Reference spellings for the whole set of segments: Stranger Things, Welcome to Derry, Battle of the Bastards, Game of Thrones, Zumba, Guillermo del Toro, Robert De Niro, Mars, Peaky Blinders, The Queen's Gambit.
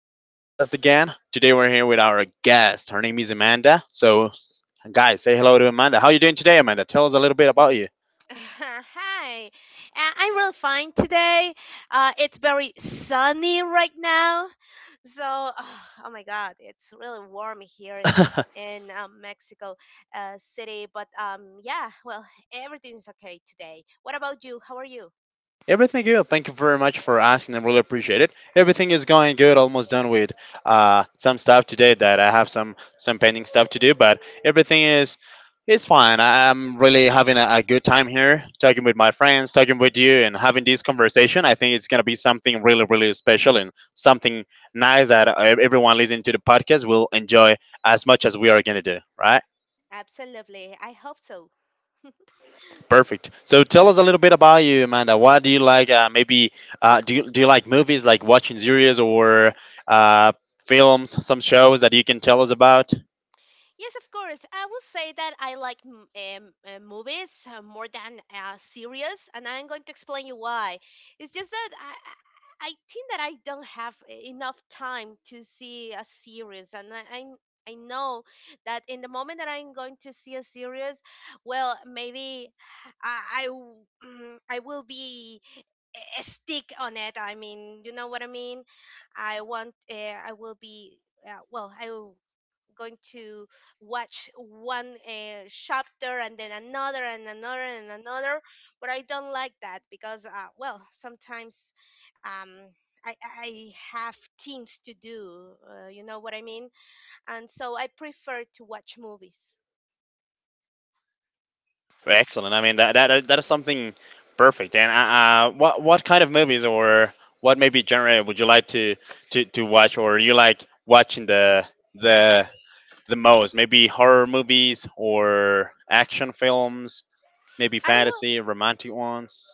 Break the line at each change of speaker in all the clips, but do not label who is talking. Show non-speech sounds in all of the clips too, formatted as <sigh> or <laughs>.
to the podcast again. Today we're here with our guest. Her name is Amanda. So, guys, say hello to Amanda. How are you doing today, Amanda? Tell us a little bit about you.
<laughs> Hi, I'm real fine today. It's very sunny right now, so <sighs> oh my God, it's really warm here
<laughs>
in Mexico City. Everything's okay today. What about you? How are you?
Everything good. Thank you very much for asking. I really appreciate it. Everything is going good. Almost done with some stuff today that I have some painting stuff to do, but everything is it's fine. I'm really having a good time here, talking with my friends, talking with you, and having this conversation. I think it's gonna be something really, really special and something nice that everyone listening to the podcast will enjoy as much as we are gonna do. Right?
Absolutely, I hope so.
Perfect. So tell us a little bit about you, Amanda. What do you like? Maybe do you like movies, like watching series or uh, films, some shows that you can tell us about?
Yes, of course. I will say that I like movies more than series, and I'm going to explain you why. It's just that I I think that I don't have enough time to see a series, and I, I know that in the moment that I'm going to see a series, well, maybe I will be a stick on it. I mean, you know what I mean. I want. I will be. I will going to watch one chapter and then another and another and another. But I don't like that because, well, sometimes um, I, I have things to do. You know what I mean? And so I prefer to watch movies.
Excellent. I mean that is something perfect. And what kind of movies or what maybe genre would you like to watch, or you like watching the the most. Maybe horror movies or action films, maybe
I will
fantasy, romantic ones.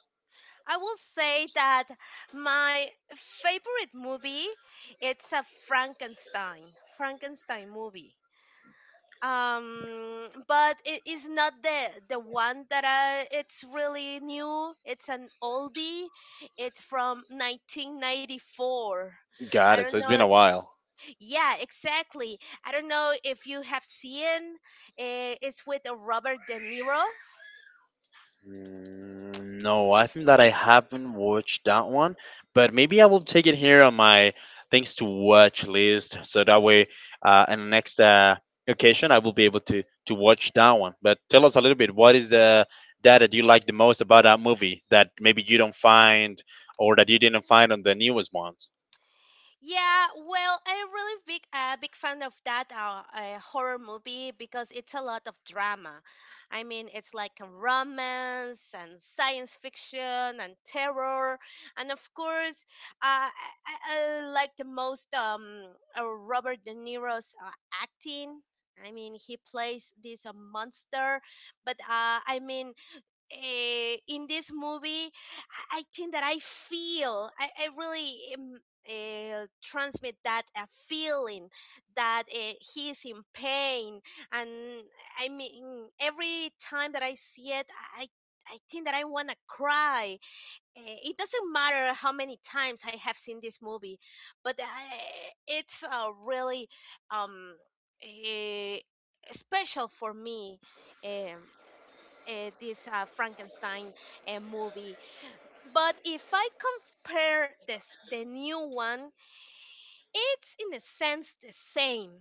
I will say that my favorite movie it's a Frankenstein movie. But it is not the one that I, it's really new, it's an oldie. It's from 1994. I
Got it.
don't
So it's
know.
been a while.
Yeah, exactly. I don't know if you have seen, it's with Robert De Niro.
No, I think that I haven't watched that one, but maybe I will take it here on my things to watch list. So that way, in the next occasion, I will be able to watch that one. But tell us a little bit. What is the that you like the most about that movie that maybe you don't find or that you didn't find on the newest ones?
Yeah, well, I'm really big fan of that horror movie because it's a lot of drama. I mean, it's like a romance and science fiction and terror, and of course, uh, I, I like the most Robert De Niro's acting. I mean, he plays this monster, but I mean, in this movie, I think that I feel, I really um, transmit that a feeling that he is in pain. And I mean, every time that I see it, I, I think that I want to cry. It doesn't matter how many times I have seen this movie, but I, it's really um, eh, special for me. Um, this Frankenstein movie. But if I compare this the new one, it's in a sense the same.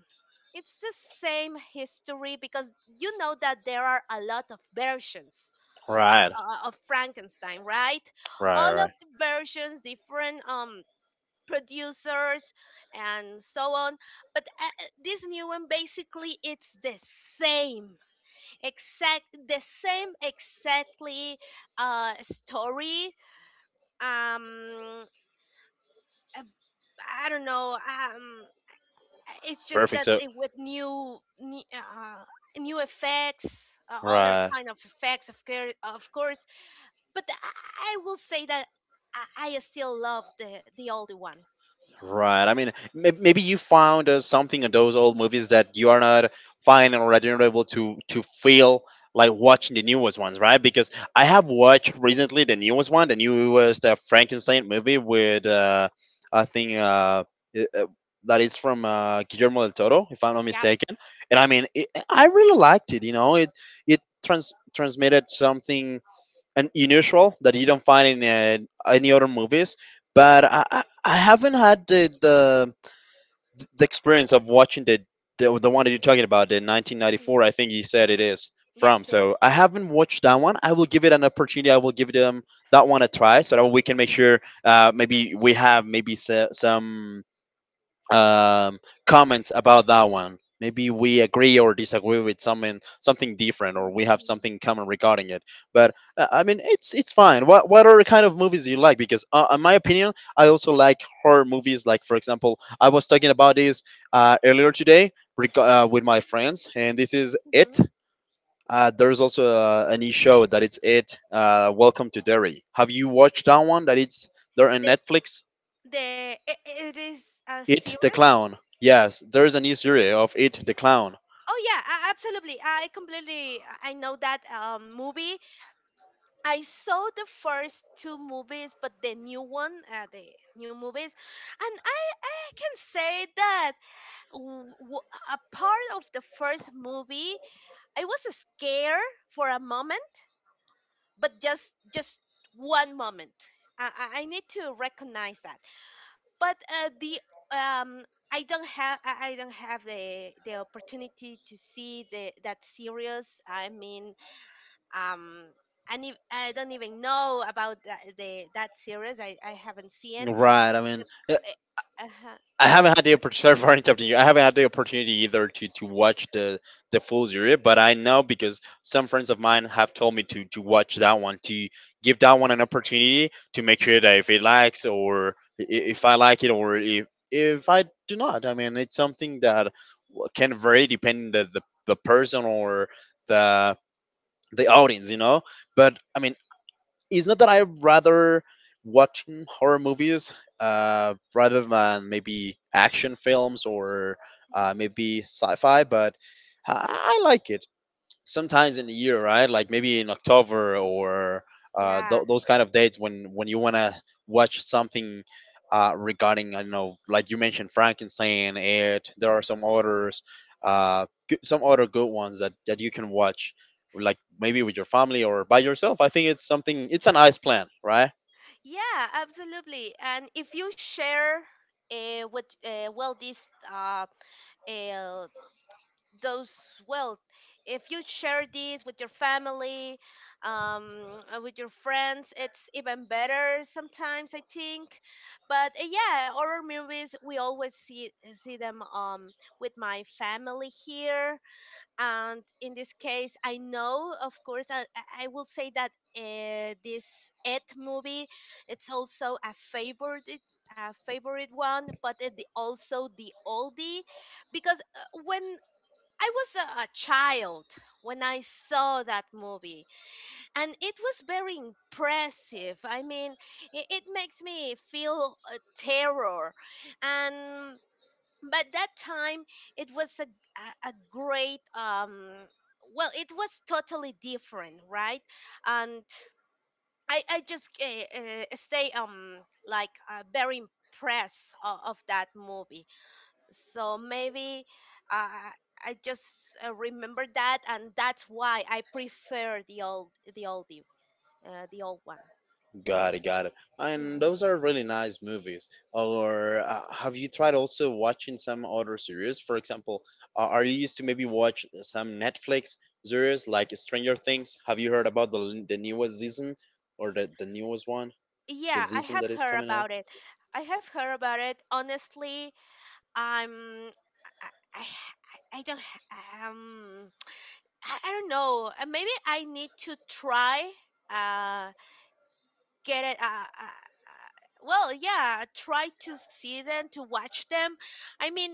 It's the same history because you know that there are a lot of versions
Right.
of Frankenstein, right?
Right,
All
right,
of
right.
the versions, different producers and so on. But this new one basically it's the same, exactly story. Um uh, I don't know It's just
Perfect.
that
So,
it, with new effects, other
right,
kind of effects, of course, of course. But I will say that I still love the older one.
right. I mean, maybe you found something in those old movies that you are not finding or that you're not able to feel like watching the newest ones, right? Because I have
Mhm.
watched recently the newest one, the newest Frankenstein movie with I think uh, i- uh, that is from Guillermo del Toro, if I'm not
Yep.
mistaken. And I mean, I really liked it. You know, it transmitted something and unusual that you don't find in any other movies. But I haven't had the experience of watching the one that you're talking about, the
Mm.
1994. I think you said it is from.
Yes, it
So
is.
I haven't watched that one. I will give it an opportunity. I will give them that one a try so that we can make sure maybe we have maybe some um, comments about that one. Maybe we agree or disagree with something different, or
Mhm.
we have something in common regarding it. But I mean, it's fine. What other kind of movies do you like? Because in my opinion, I also like horror movies. Like for example, I was talking about this earlier today with my friends, and this is
Mhm.
it. There's also a new show that it's it. Welcome to Derry. Have you watched that one? That it's there on
the
Netflix.
it is a
It the
series.
Clown. Yes, there is a new series of It the Clown.
Oh yeah, absolutely. I know that movie. I saw the first two movies, but the new one, the new movies, and I can say that a part of the first movie, I was scared for a moment, but just one moment. I need to recognize that. But the um I don't have, I don't have the opportunity to see the that series. I mean, um, and if, I don't even know about that, the that series. I haven't seen.
Right. I mean,
Uh huh.
I
Sorry.
haven't had the opportunity. <laughs> Sorry for interrupting you. I haven't had the opportunity either to watch the full series, but I know because some friends of mine have told me to watch that one to give that one an opportunity to make sure that if it likes or if I like it or if I do not. I mean, it's something that can vary depending the person or the the audience, you know. But I mean, it's not that I rather watching horror movies rather than maybe action films or
Mhm.
maybe sci-fi, but I like it sometimes in the year, right? Like maybe in October or
Yeah.
those kind of dates when you want to watch something regarding, I don't know, like you mentioned Frankenstein. It There are some others, some other good ones that you can watch, like maybe with your family or by yourself. I think it's something. It's a nice plan, right?
Yeah. Absolutely. And if you share what well this uh those wealth. If you share this with your family, with your friends, it's even better sometimes, I think. But yeah, horror movies, we always see them with my family here, and in this case, I know, of course, I will say that this It movie, it's also a favorite, one, but it also the oldie. Because when I was a child, when I saw that movie, and it was very impressive. I mean, it makes me feel terror, and but that time it was a great Well, it was totally different, right? And I just stay like very impressed of that movie. So maybe uh, I just remember that, and that's why I prefer the oldie, the old one.
Got it, got it. And
Hmm.
those are really nice movies. Or have you tried also watching some other series? For example, are you used to maybe watch some Netflix series like Stranger Things? Have you heard about the newest season or the newest one, the
Yeah, I
season
have
that is
heard
coming out?
about it. I have heard about it. Honestly, I'm I I, I don't um I don't know. Maybe I need to try. Uh, get it. Well, yeah, try to see them, to watch them. I mean,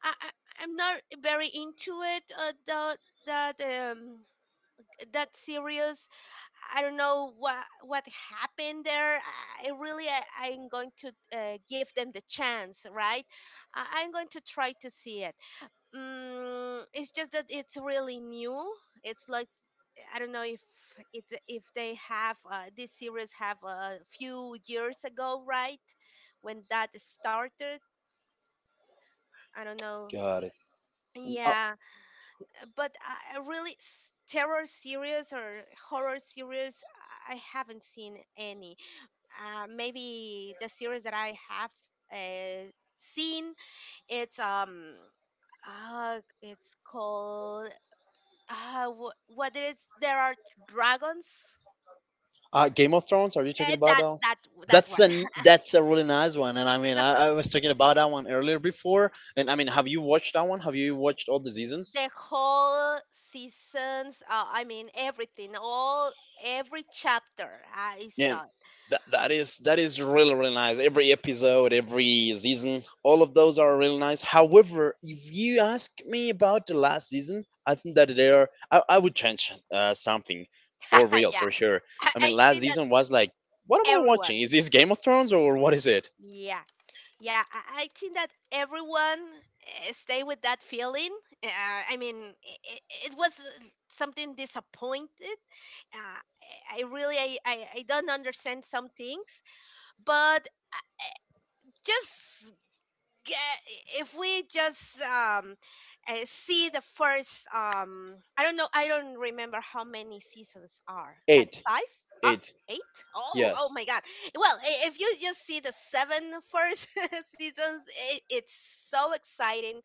I, I I'm not very into it. The that That series. I don't know what what happened there. I, I'm going to give them the chance, right? I'm going to try to see it. Mm, it's just that it's really new. It's like I don't know if it if they have this series have a few years ago, right? When that started, I don't know.
Got it. Uh,
Yeah, but I really s- terror series or horror series, I haven't seen any. Maybe the series that I have uh, seen, it's um, it's called whether there are dragons.
Game of Thrones, are you talking
And
about now?
that
That's
one. <laughs>
a that's a really nice one, and I mean I was talking about that one earlier before, and I mean, have you watched that one? Have you watched all the seasons?
The whole seasons, I mean, everything, all every chapter I
Yeah,
saw
that is really really nice. Every episode, every season, all of those are really nice. However, if you ask me about the last season, I think that they are. I would change something for
it. <laughs>
real
Yeah.
for sure. I mean,
I
last
think that
season was like, what am I watching?
everyone
Is this Game of Thrones or what is it?
Yeah, yeah, I think that everyone stay with that feeling. Uh, I Mean it, it was something disappointed. uh, I don't understand some things, but just get, if we just see the first I don't know, I don't remember how many seasons are, like
Eight,
five uh,
eight.
eight. Oh. Oh my
Yes.
god. Well, if you just see the seven first <laughs> seasons, it, it's so exciting.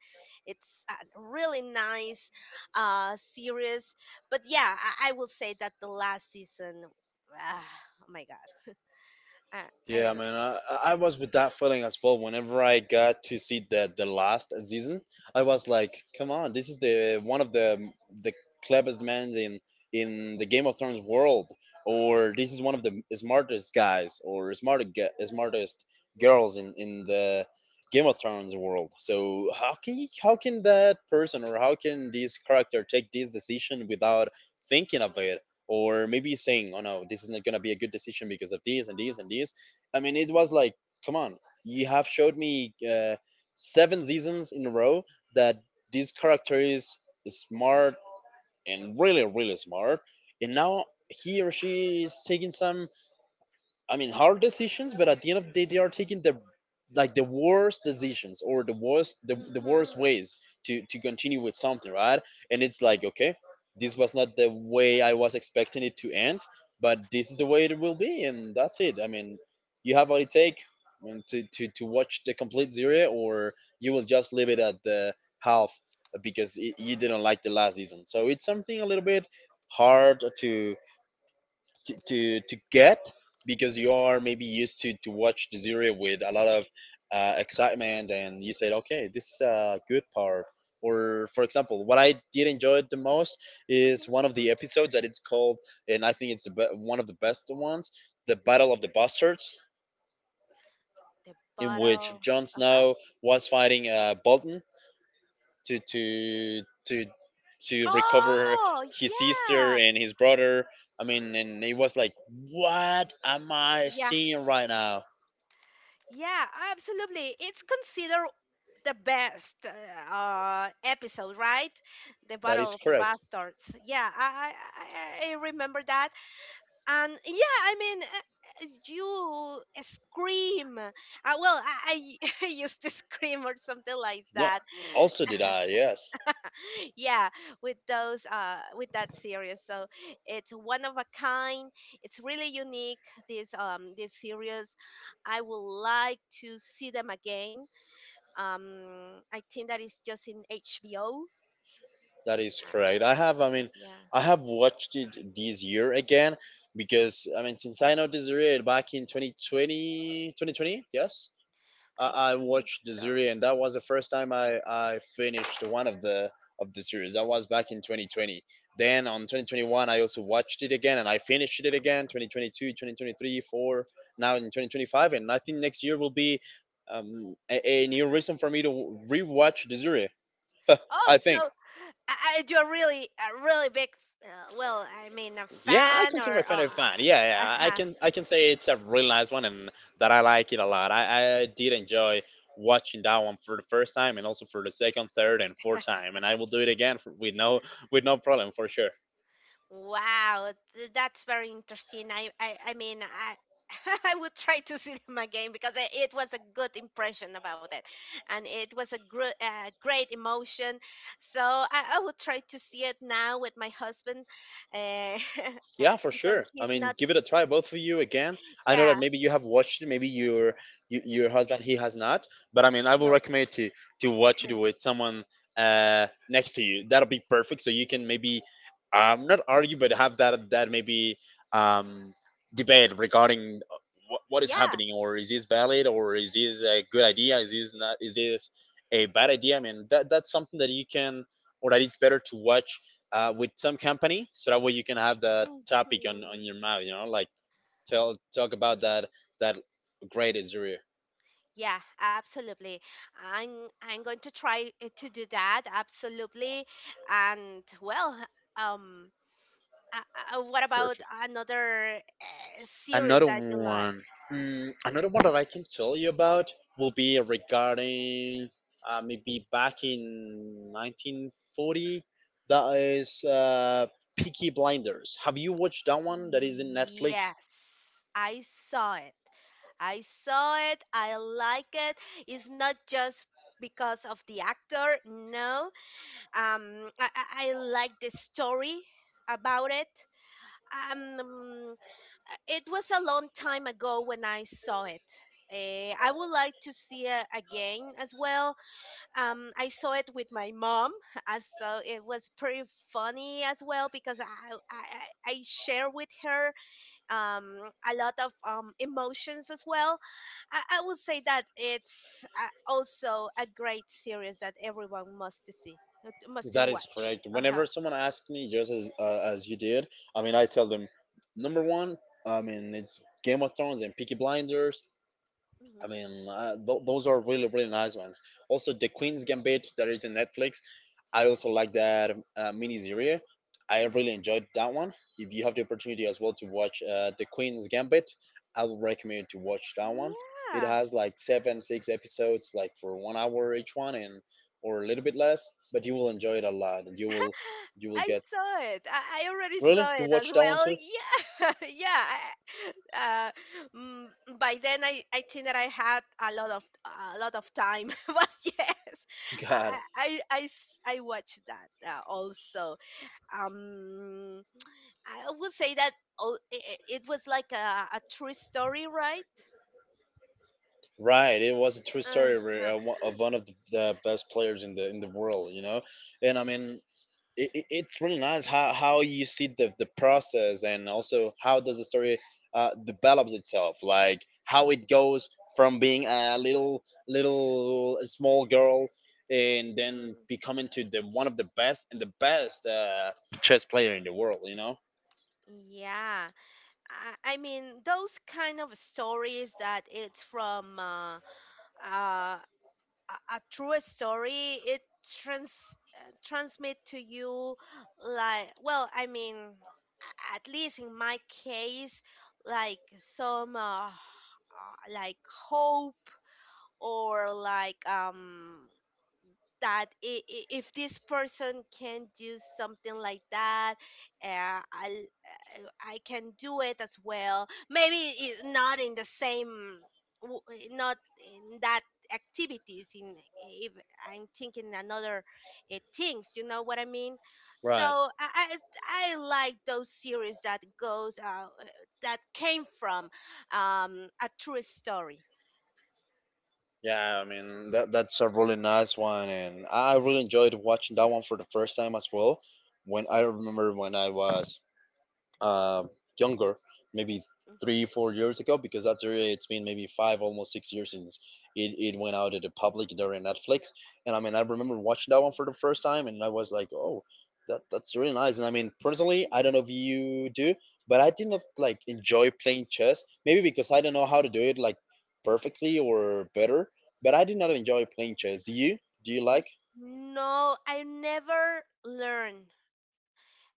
It's a really nice series. But yeah, I will say that the last season, ah, oh my god, I, I don't
Yeah,
know.
man, I was with that feeling as well. Whenever I got to see the last season, I was like, "Come on, this is the one of the cleverest men in the Game of Thrones world, or this is one of the smartest guys or smartest girls in the Game of Thrones world." So how can that person or how can this character take this decision without thinking of it? Or maybe saying, "Oh no, this is not gonna be a good decision because of this and this and this." I mean, it was like, come on, you have showed me seven seasons in a row that this character is smart and really, really smart, and now he or she is taking some, I mean, hard decisions, but at the end of the day, they are taking the, like, the worst decisions or the
Hmm.
worst ways to continue with something, right? And it's like, okay, this was not the way I was expecting it to end, but this is the way it will be, and that's it. I mean, you have what it take, I mean, to watch the complete series, or you will just leave it at the half because you didn't like the last season. So it's something a little bit hard to get, because you are maybe used to watch the series with a lot of excitement, and you said, okay, this is a good part. Or for example, what I did enjoy the most is
Hmm.
one of the episodes that it's called, and I think it's the one of the best ones, the Battle of the Bastards,
The
in which
bottle.
Jon
Uh-huh.
Snow was fighting Bolton to to to to recover
Oh,
his sister
yeah.
and his brother. I mean, and it was like, what am I
Yeah,
seeing right now?
yeah, absolutely. It's considered the best episode, right? The
That is
Battle of the
correct.
Bastards. Yeah, I remember that. And yeah, I mean, you scream. I <laughs> I used to scream or something like
No,
that.
also did I? Yes,
<laughs> Yeah, with those with that series. So it's one of a kind. It's really unique, this series. I would like to see them again. um I think that is just in HBO.
that is correct. I have. I mean,
Yeah,
I have watched it this year again, because I mean, since I noticed it back in twenty twenty. Yes,
I
I, I
think
watched the
so.
series, and that was the first time I finished one of the series. That was back in 2020. Then on 2021, I also watched it again, and I finished it again. 2022, 22, four, now in 2025, and I think next year will be a new reason for me to rewatch the series. <laughs>
Oh,
I
so
think.
you're really a really big, a
Yeah, I
fan
consider my
or
friend a fan. Yeah, yeah, I
<laughs>
can I can say it's a really nice one and that I like it a lot. I did enjoy watching that one for the first time and also for the second, third, and fourth time, and I will do it again with no problem for sure.
Wow, that's very interesting. <laughs> I would try to see them again because it was a good impression about it, and it was great emotion. So I would try to see it now with my husband, uh,
Yeah, for
<laughs> because
sure. I
he's
mean,
not.
give it a try, both of you again. I know that
Yeah,
maybe you have watched it, maybe your husband he has not, but I mean, I will
no,
recommend to watch it with
<laughs>
someone next to you. That'll be perfect, so you can maybe not argue, but have that maybe um debate regarding what is
yeah.
happening, or is this valid, or is this a good idea, is this not, is this a bad idea? I mean, that's something that you can or that it's better to watch with some company so that way you can have that topic
Hmm.
on your mouth. Tell Talk about that great Azure
Yeah, absolutely. I'm going to try to do that, absolutely. And well, um. What about
perfect.
another series
Another
that you like?
one, mm, another one that I can tell you about will be regarding maybe back in 1940. That is Peaky Blinders. Have you watched that one? That is in Netflix.
Yes, I saw it. I saw it. I like it. It's not just because of the actor. No, um, I, I I like the story about it. Um, mm, it was a long time ago when I saw it. I would like to see it again as well. I saw it with my mom, <laughs> as so it was pretty funny as well because I share with her um, a lot of emotions as well. I would say that it's also a great series that everyone must to see, must to
That is
watch.
correct.
Uh huh.
Whenever someone asks me, just as you did, I mean, I tell them number one. I mean, it's Game of Thrones and Peaky Blinders.
Hmm.
I mean, those are really really nice ones. Also, The Queen's Gambit, that is in Netflix. I also like that mini series. I
Hmm.
really enjoyed that one. If you have the opportunity as well to watch The Queen's Gambit, I would recommend to watch that one. It
Yeah.
has like seven, six episodes, like for one hour each one, and or a little bit less. But you will enjoy it a lot, and you will
I
get
saw it. I already
really?
saw
You
it as
watched that one
well.
too.
Yeah, <laughs> yeah. Uh, mm, by then, I think that I had a lot of time. <laughs> But yes,
<laughs> God,
I watched that also. Um, I would say that it was like a true story, right?
right? It was a true story of
Uh-huh.
one of the best players in the world, you know. And I mean, it's really nice how you see the process and also how does the story develops itself, like how it goes from being a little small girl and then
Mhm.
becoming to the one of the best and the best chess player in the world, you know.
Yeah, I mean those kind of stories that it's from. Uh, a true story, it transmit to you, like, well, I mean, a- at least in my case, like some like hope or like that if this person can do something like that, uh, I, I can do it as well. Maybe not in the same w- not in that activities, in if I'm thinking another things, you know what I mean. So
Right.
I like those series that goes that came from a true story.
Yeah, I mean that's a really nice one and I really enjoyed watching that one for the first time as well. When I remember when I was uh, younger, maybe three, 4 years ago, because that's really, it's been maybe five, almost 6 years since it went out to the public during Netflix. And I mean, I remember watching that one for the first time, and I was like, oh, that's really nice. And I mean, personally, I don't
Mhm.
know if you do, but I did not like enjoy playing chess, maybe because I don't know how to do it like perfectly or better, but I did not enjoy playing chess. Do you? Do you like?
Mhm. No, I never learn.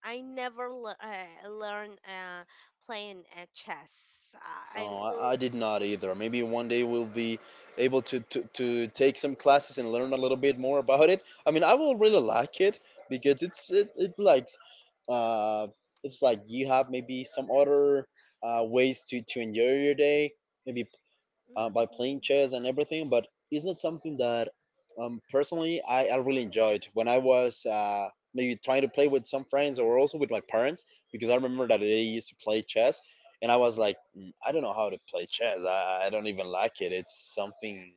I never learn playing chess. I
No,
will.
I did not either. Maybe one day we'll be able to take some classes and learn a little bit more about it. I mean, I will really like it because it like uh, it's like you have maybe some other ways to enjoy your day, maybe by playing
Mhm.
chess and everything, but it's not something that personally I really enjoyed when I was maybe trying to play with some friends or also with my parents, because I remember that they used to play chess and I was like, "Mm, I don't know how to play chess. I don't even like it. It's something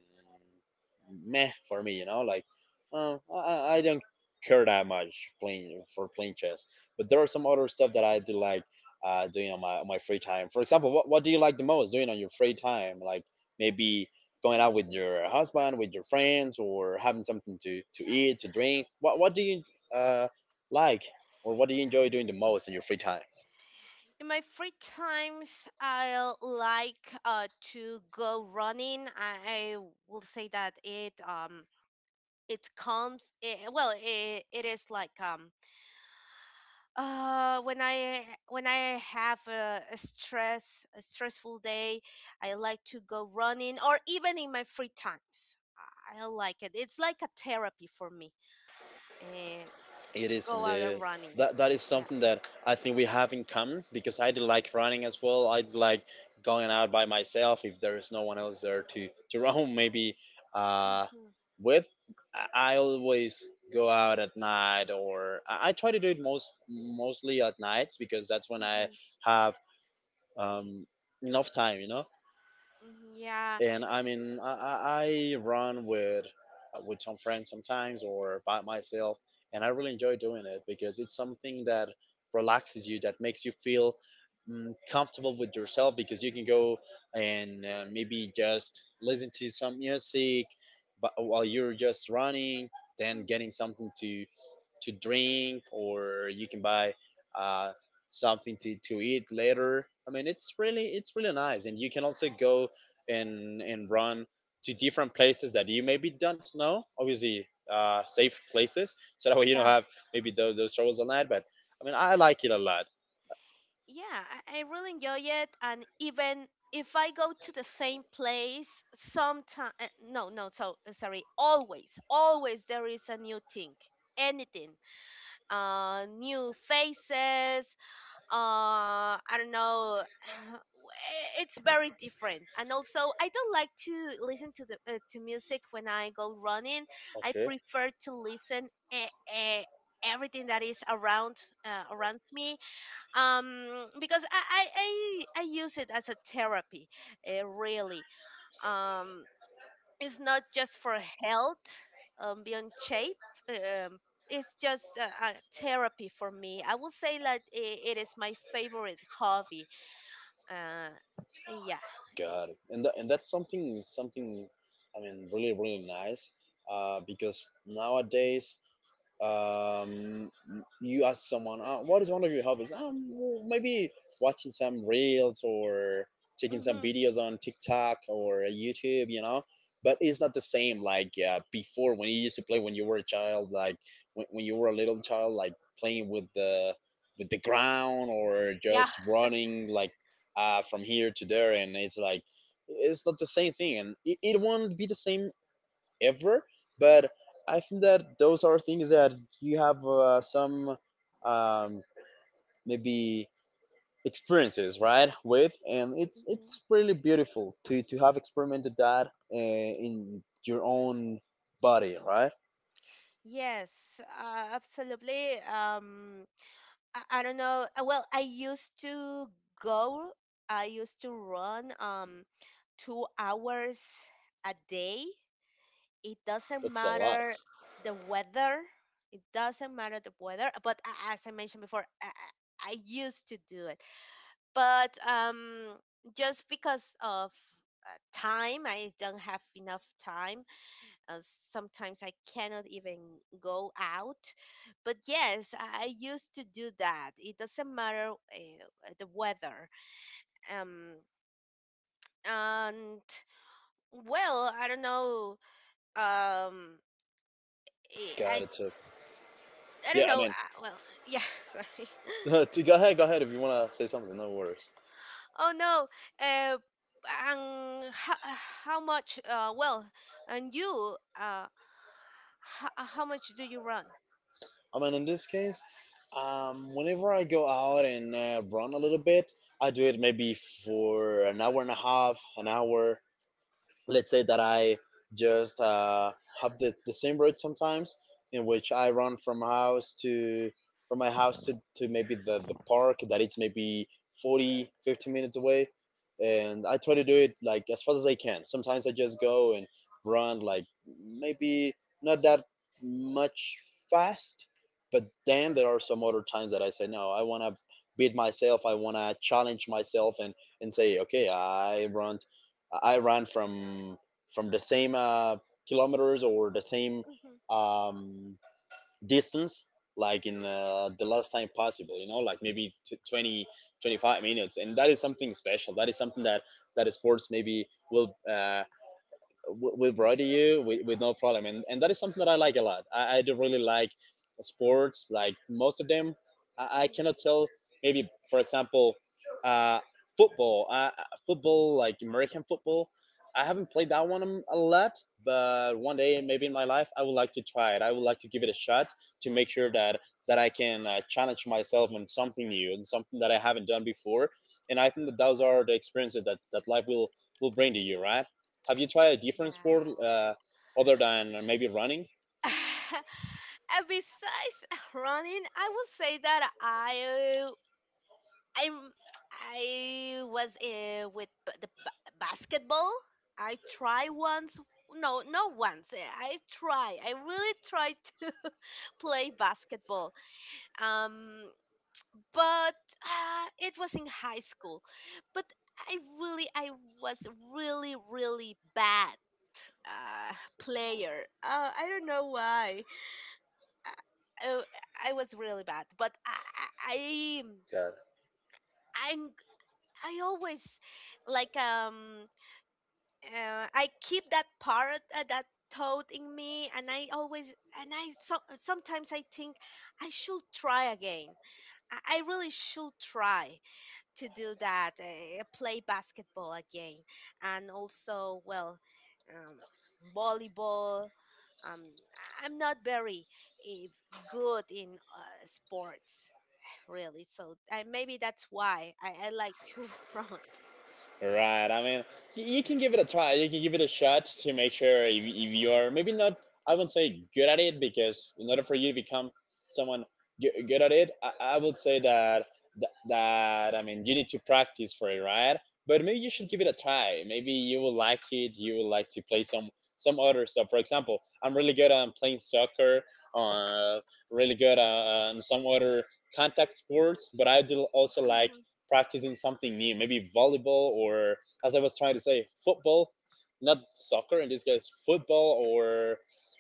meh for me, you know, like I don't care that much playing for playing chess. But there are some other stuff that I do like doing on on my free time. For example, what do you like the most doing on your free time? Like maybe going out with
Mhm.
your husband, with your friends, or having something to eat, to drink? What do you uh, like or what do you enjoy doing the most in your free time?
In my free times, I like to go running. I will say that it it comes it, well it is like uh when i when I have a stressful day. I like to go running, or even in my free times, I like it it's like a therapy for me. And
It is
go out
the
and running.
that is
Yeah.
something that I think we have in common, because I do like running as well. I do like going out by myself if there is no one else there to <laughs> run maybe uh,
hmm
with. I always go out at night or I try to do it most mostly at nights, because that's when I
hmm
have um, enough time, you know.
yeah.
And I mean, I, I run with some friends sometimes or by myself, and I really enjoy doing it because it's something that relaxes you, that makes you feel mm, comfortable with yourself because you can go and maybe just listen to some music but while you're just running, then getting
hmm
something to drink, or you can buy uh, something to eat later. I mean, it's really, it's really nice, and you can also go and run to different places that you maybe don't know, obviously safe places, so that way you don't have maybe those troubles all night. But I mean, I like it a lot.
yeah, I really enjoy it. And even if I go to the same place, sometimes, no, no, so eh, sorry, always, always there is a new thing, anything, new faces, I don't know. <sighs> It's very different, and also I don't like to listen to the to music when I go running. I
Okay.
prefer to listen everything that is around me because I use it as a therapy, really. um it's not just for health, beyond shape. Um it's just a therapy for me. I will say that it is my favorite hobby. uh yeah. eh,
Got it. And that's something, something, I mean, really really nice because nowadays um, you ask someone, oh, what is one of your hobbies? Well, maybe watching some reels or taking some
mm-hmm.
videos on TikTok or YouTube, you know. But it's not the same like before, when you used to play when you were a child, like when you were a little child, like playing with the ground or
Yeah.
just running like from here to there, and it's like it's not the same thing, and it won't be the same ever. But I think that those are things that you have some um, maybe experiences, right? With, and it's
Hmm.
really beautiful to have experimented that in your own body, right?
Yes, absolutely. I don't know. Well, I used to go, I used to run 2 hours a day. It doesn't
That's a lot.
matter the weather. Doesn't matter the weather. But as I mentioned before, I I used to do it. But just because of time, I don't have enough time. Sometimes I cannot even go out. But yes, I used to do that. It doesn't matter the weather. Um, and well, I don't know. Um, eh,
Got
I
it. So
I
yeah,
don't
I
know.
mean,
Well, yeah, <laughs> sorry.
<laughs> go ahead, go ahead if you want to say something, no worries.
Oh no. Uh, and how much? Well, and you. How how much do you run?
I mean, in this case, whenever I go out and run a little bit, I do it maybe for an hour and a half, an hour. Let's say that I just have the same route sometimes, in which I run from house to from my house to maybe the park that it's maybe 40 50 minutes away, and I try to do it like as fast as I can. Sometimes I just go and run like maybe not that much fast, but then there are some other times that I say no, I want to beat myself, I want to challenge myself and say okay, I run, I ran from the same kilometers or the same
hmm
um, distance like in the last time possible, you know, like maybe twenty twenty five minutes. And that is something special, that is something that that sports maybe will will brought to you with no problem. And that is something that I like a lot. I do really like sports, like most of them. I cannot
hmm
tell, maybe for example uh, football, football like american football. I haven't
hmm
played that one a lot, but one day maybe in my life I would like to try it, I would like to give it a shot to make sure that I can challenge myself on something new and something that I haven't done before. And I think that those are the experiences that, that life will bring to you, right? Have you tried a different sport
Yeah.
other than maybe running?
<laughs> Besides <laughs> running, I would say that I'm I was with basketball. I try once. No, not once. I try. I really try to <laughs> play basketball. Um, but it was in high school. But I really, I was really, really bad uh, player. I don't know why. I I was really bad, but I
Yeah.
I'm I always like um I keep that part that thought in me, and I always and I so, sometimes I think I should try again. I really should try to do that, play basketball again, and also well, um, volleyball. Um, I'm not very eh, good in sports, really. So I, maybe that's why I like to <laughs> run.
Right. I mean, you can give it a try. You can give it a shot to make sure if you are maybe not, I wouldn't say good at it, because in order for you to become someone good at it, I would say that, I mean, you need to practice for it, right? But maybe you should give it a
Hmm.
try. Maybe you will like it. You will like to play some other stuff. For example, I'm really good on playing soccer, uh, really good on some other contact sports, but I do also like
Hmm.
practicing something new, maybe volleyball or, as I was trying to say, football, not soccer in this case, football or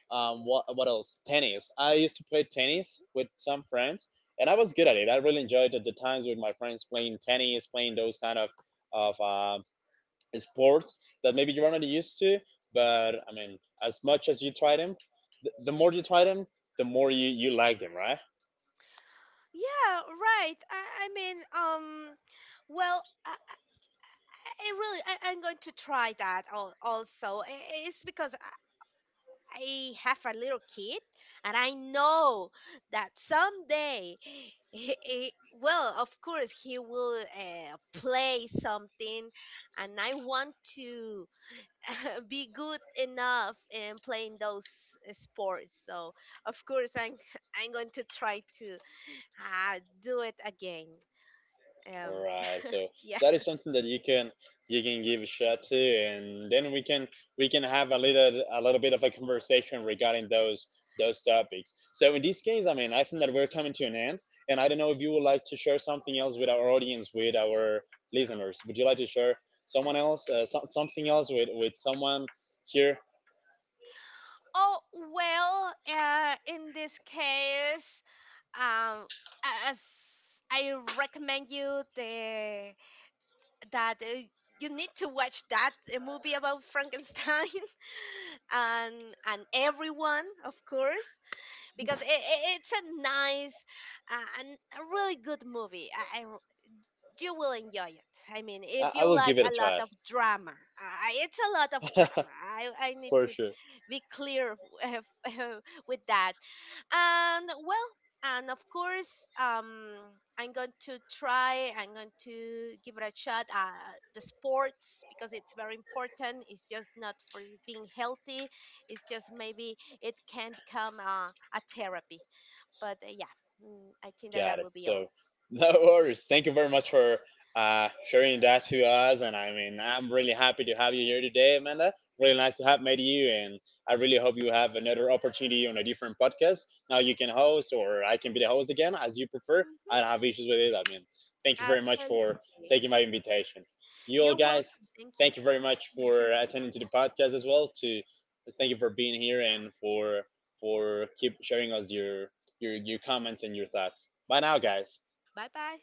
what else? Tennis. I used to play tennis
Mm.
with some friends and I was good at it. I really enjoyed at the times with my friends playing tennis, playing those kind of sports that maybe you're not used to, but I mean, as much as you try them, the more you try them, the more you like them, right?
Yeah, right. I mean, well, I really, I'm going to try that also. It's because I have a little kid, and I know that someday, well, of course, he will play something, and I want to <laughs> be good enough in playing those sports. So, of course, I'm <laughs> I'm going to try to do it again.
All
Um,
right. So
yeah.
that is something that you can give a shot to, and then we can have a little bit of a conversation regarding those topics. So in this case, I mean, I think that we're coming to an end, and I don't know if you would like to share something else with our audience, with our listeners. Would you like to share someone else, something else with someone here?
Oh, well, in this case, um, as I recommend you the that you need to watch that movie about Frankenstein <laughs> and and everyone, of course, because it's a nice and a really good movie. You will enjoy it. I mean,
I
if
will
you
give it a
like a
try
lot of drama, it's a lot of
<laughs>
drama. I need
for
to
sure.
be clear <laughs> with that. And well, and of course, I'm going to try. I'm going to give it a shot. The sports, because it's very important. It's just not for being healthy. It's just maybe it can become a therapy. But yeah, I think that
Got it.
that will be
So
all.
<laughs> no worries. Thank you very much for sharing that to us. And I mean, I'm really happy to have you here today, Amanda. Really nice to have met you. And I really hope you have another opportunity on a different podcast. Now you can host, or I can be the host again, as you prefer. I don't have
Hmm.
issues with it. I mean, thank you very much for
Absolutely.
taking my invitation. You all
You're
guys,
welcome. Thank
thank you
you.
very much for attending to the podcast as well. To thank you for being here and for keep sharing us your your comments and your thoughts. Bye now, guys.
Bye bye.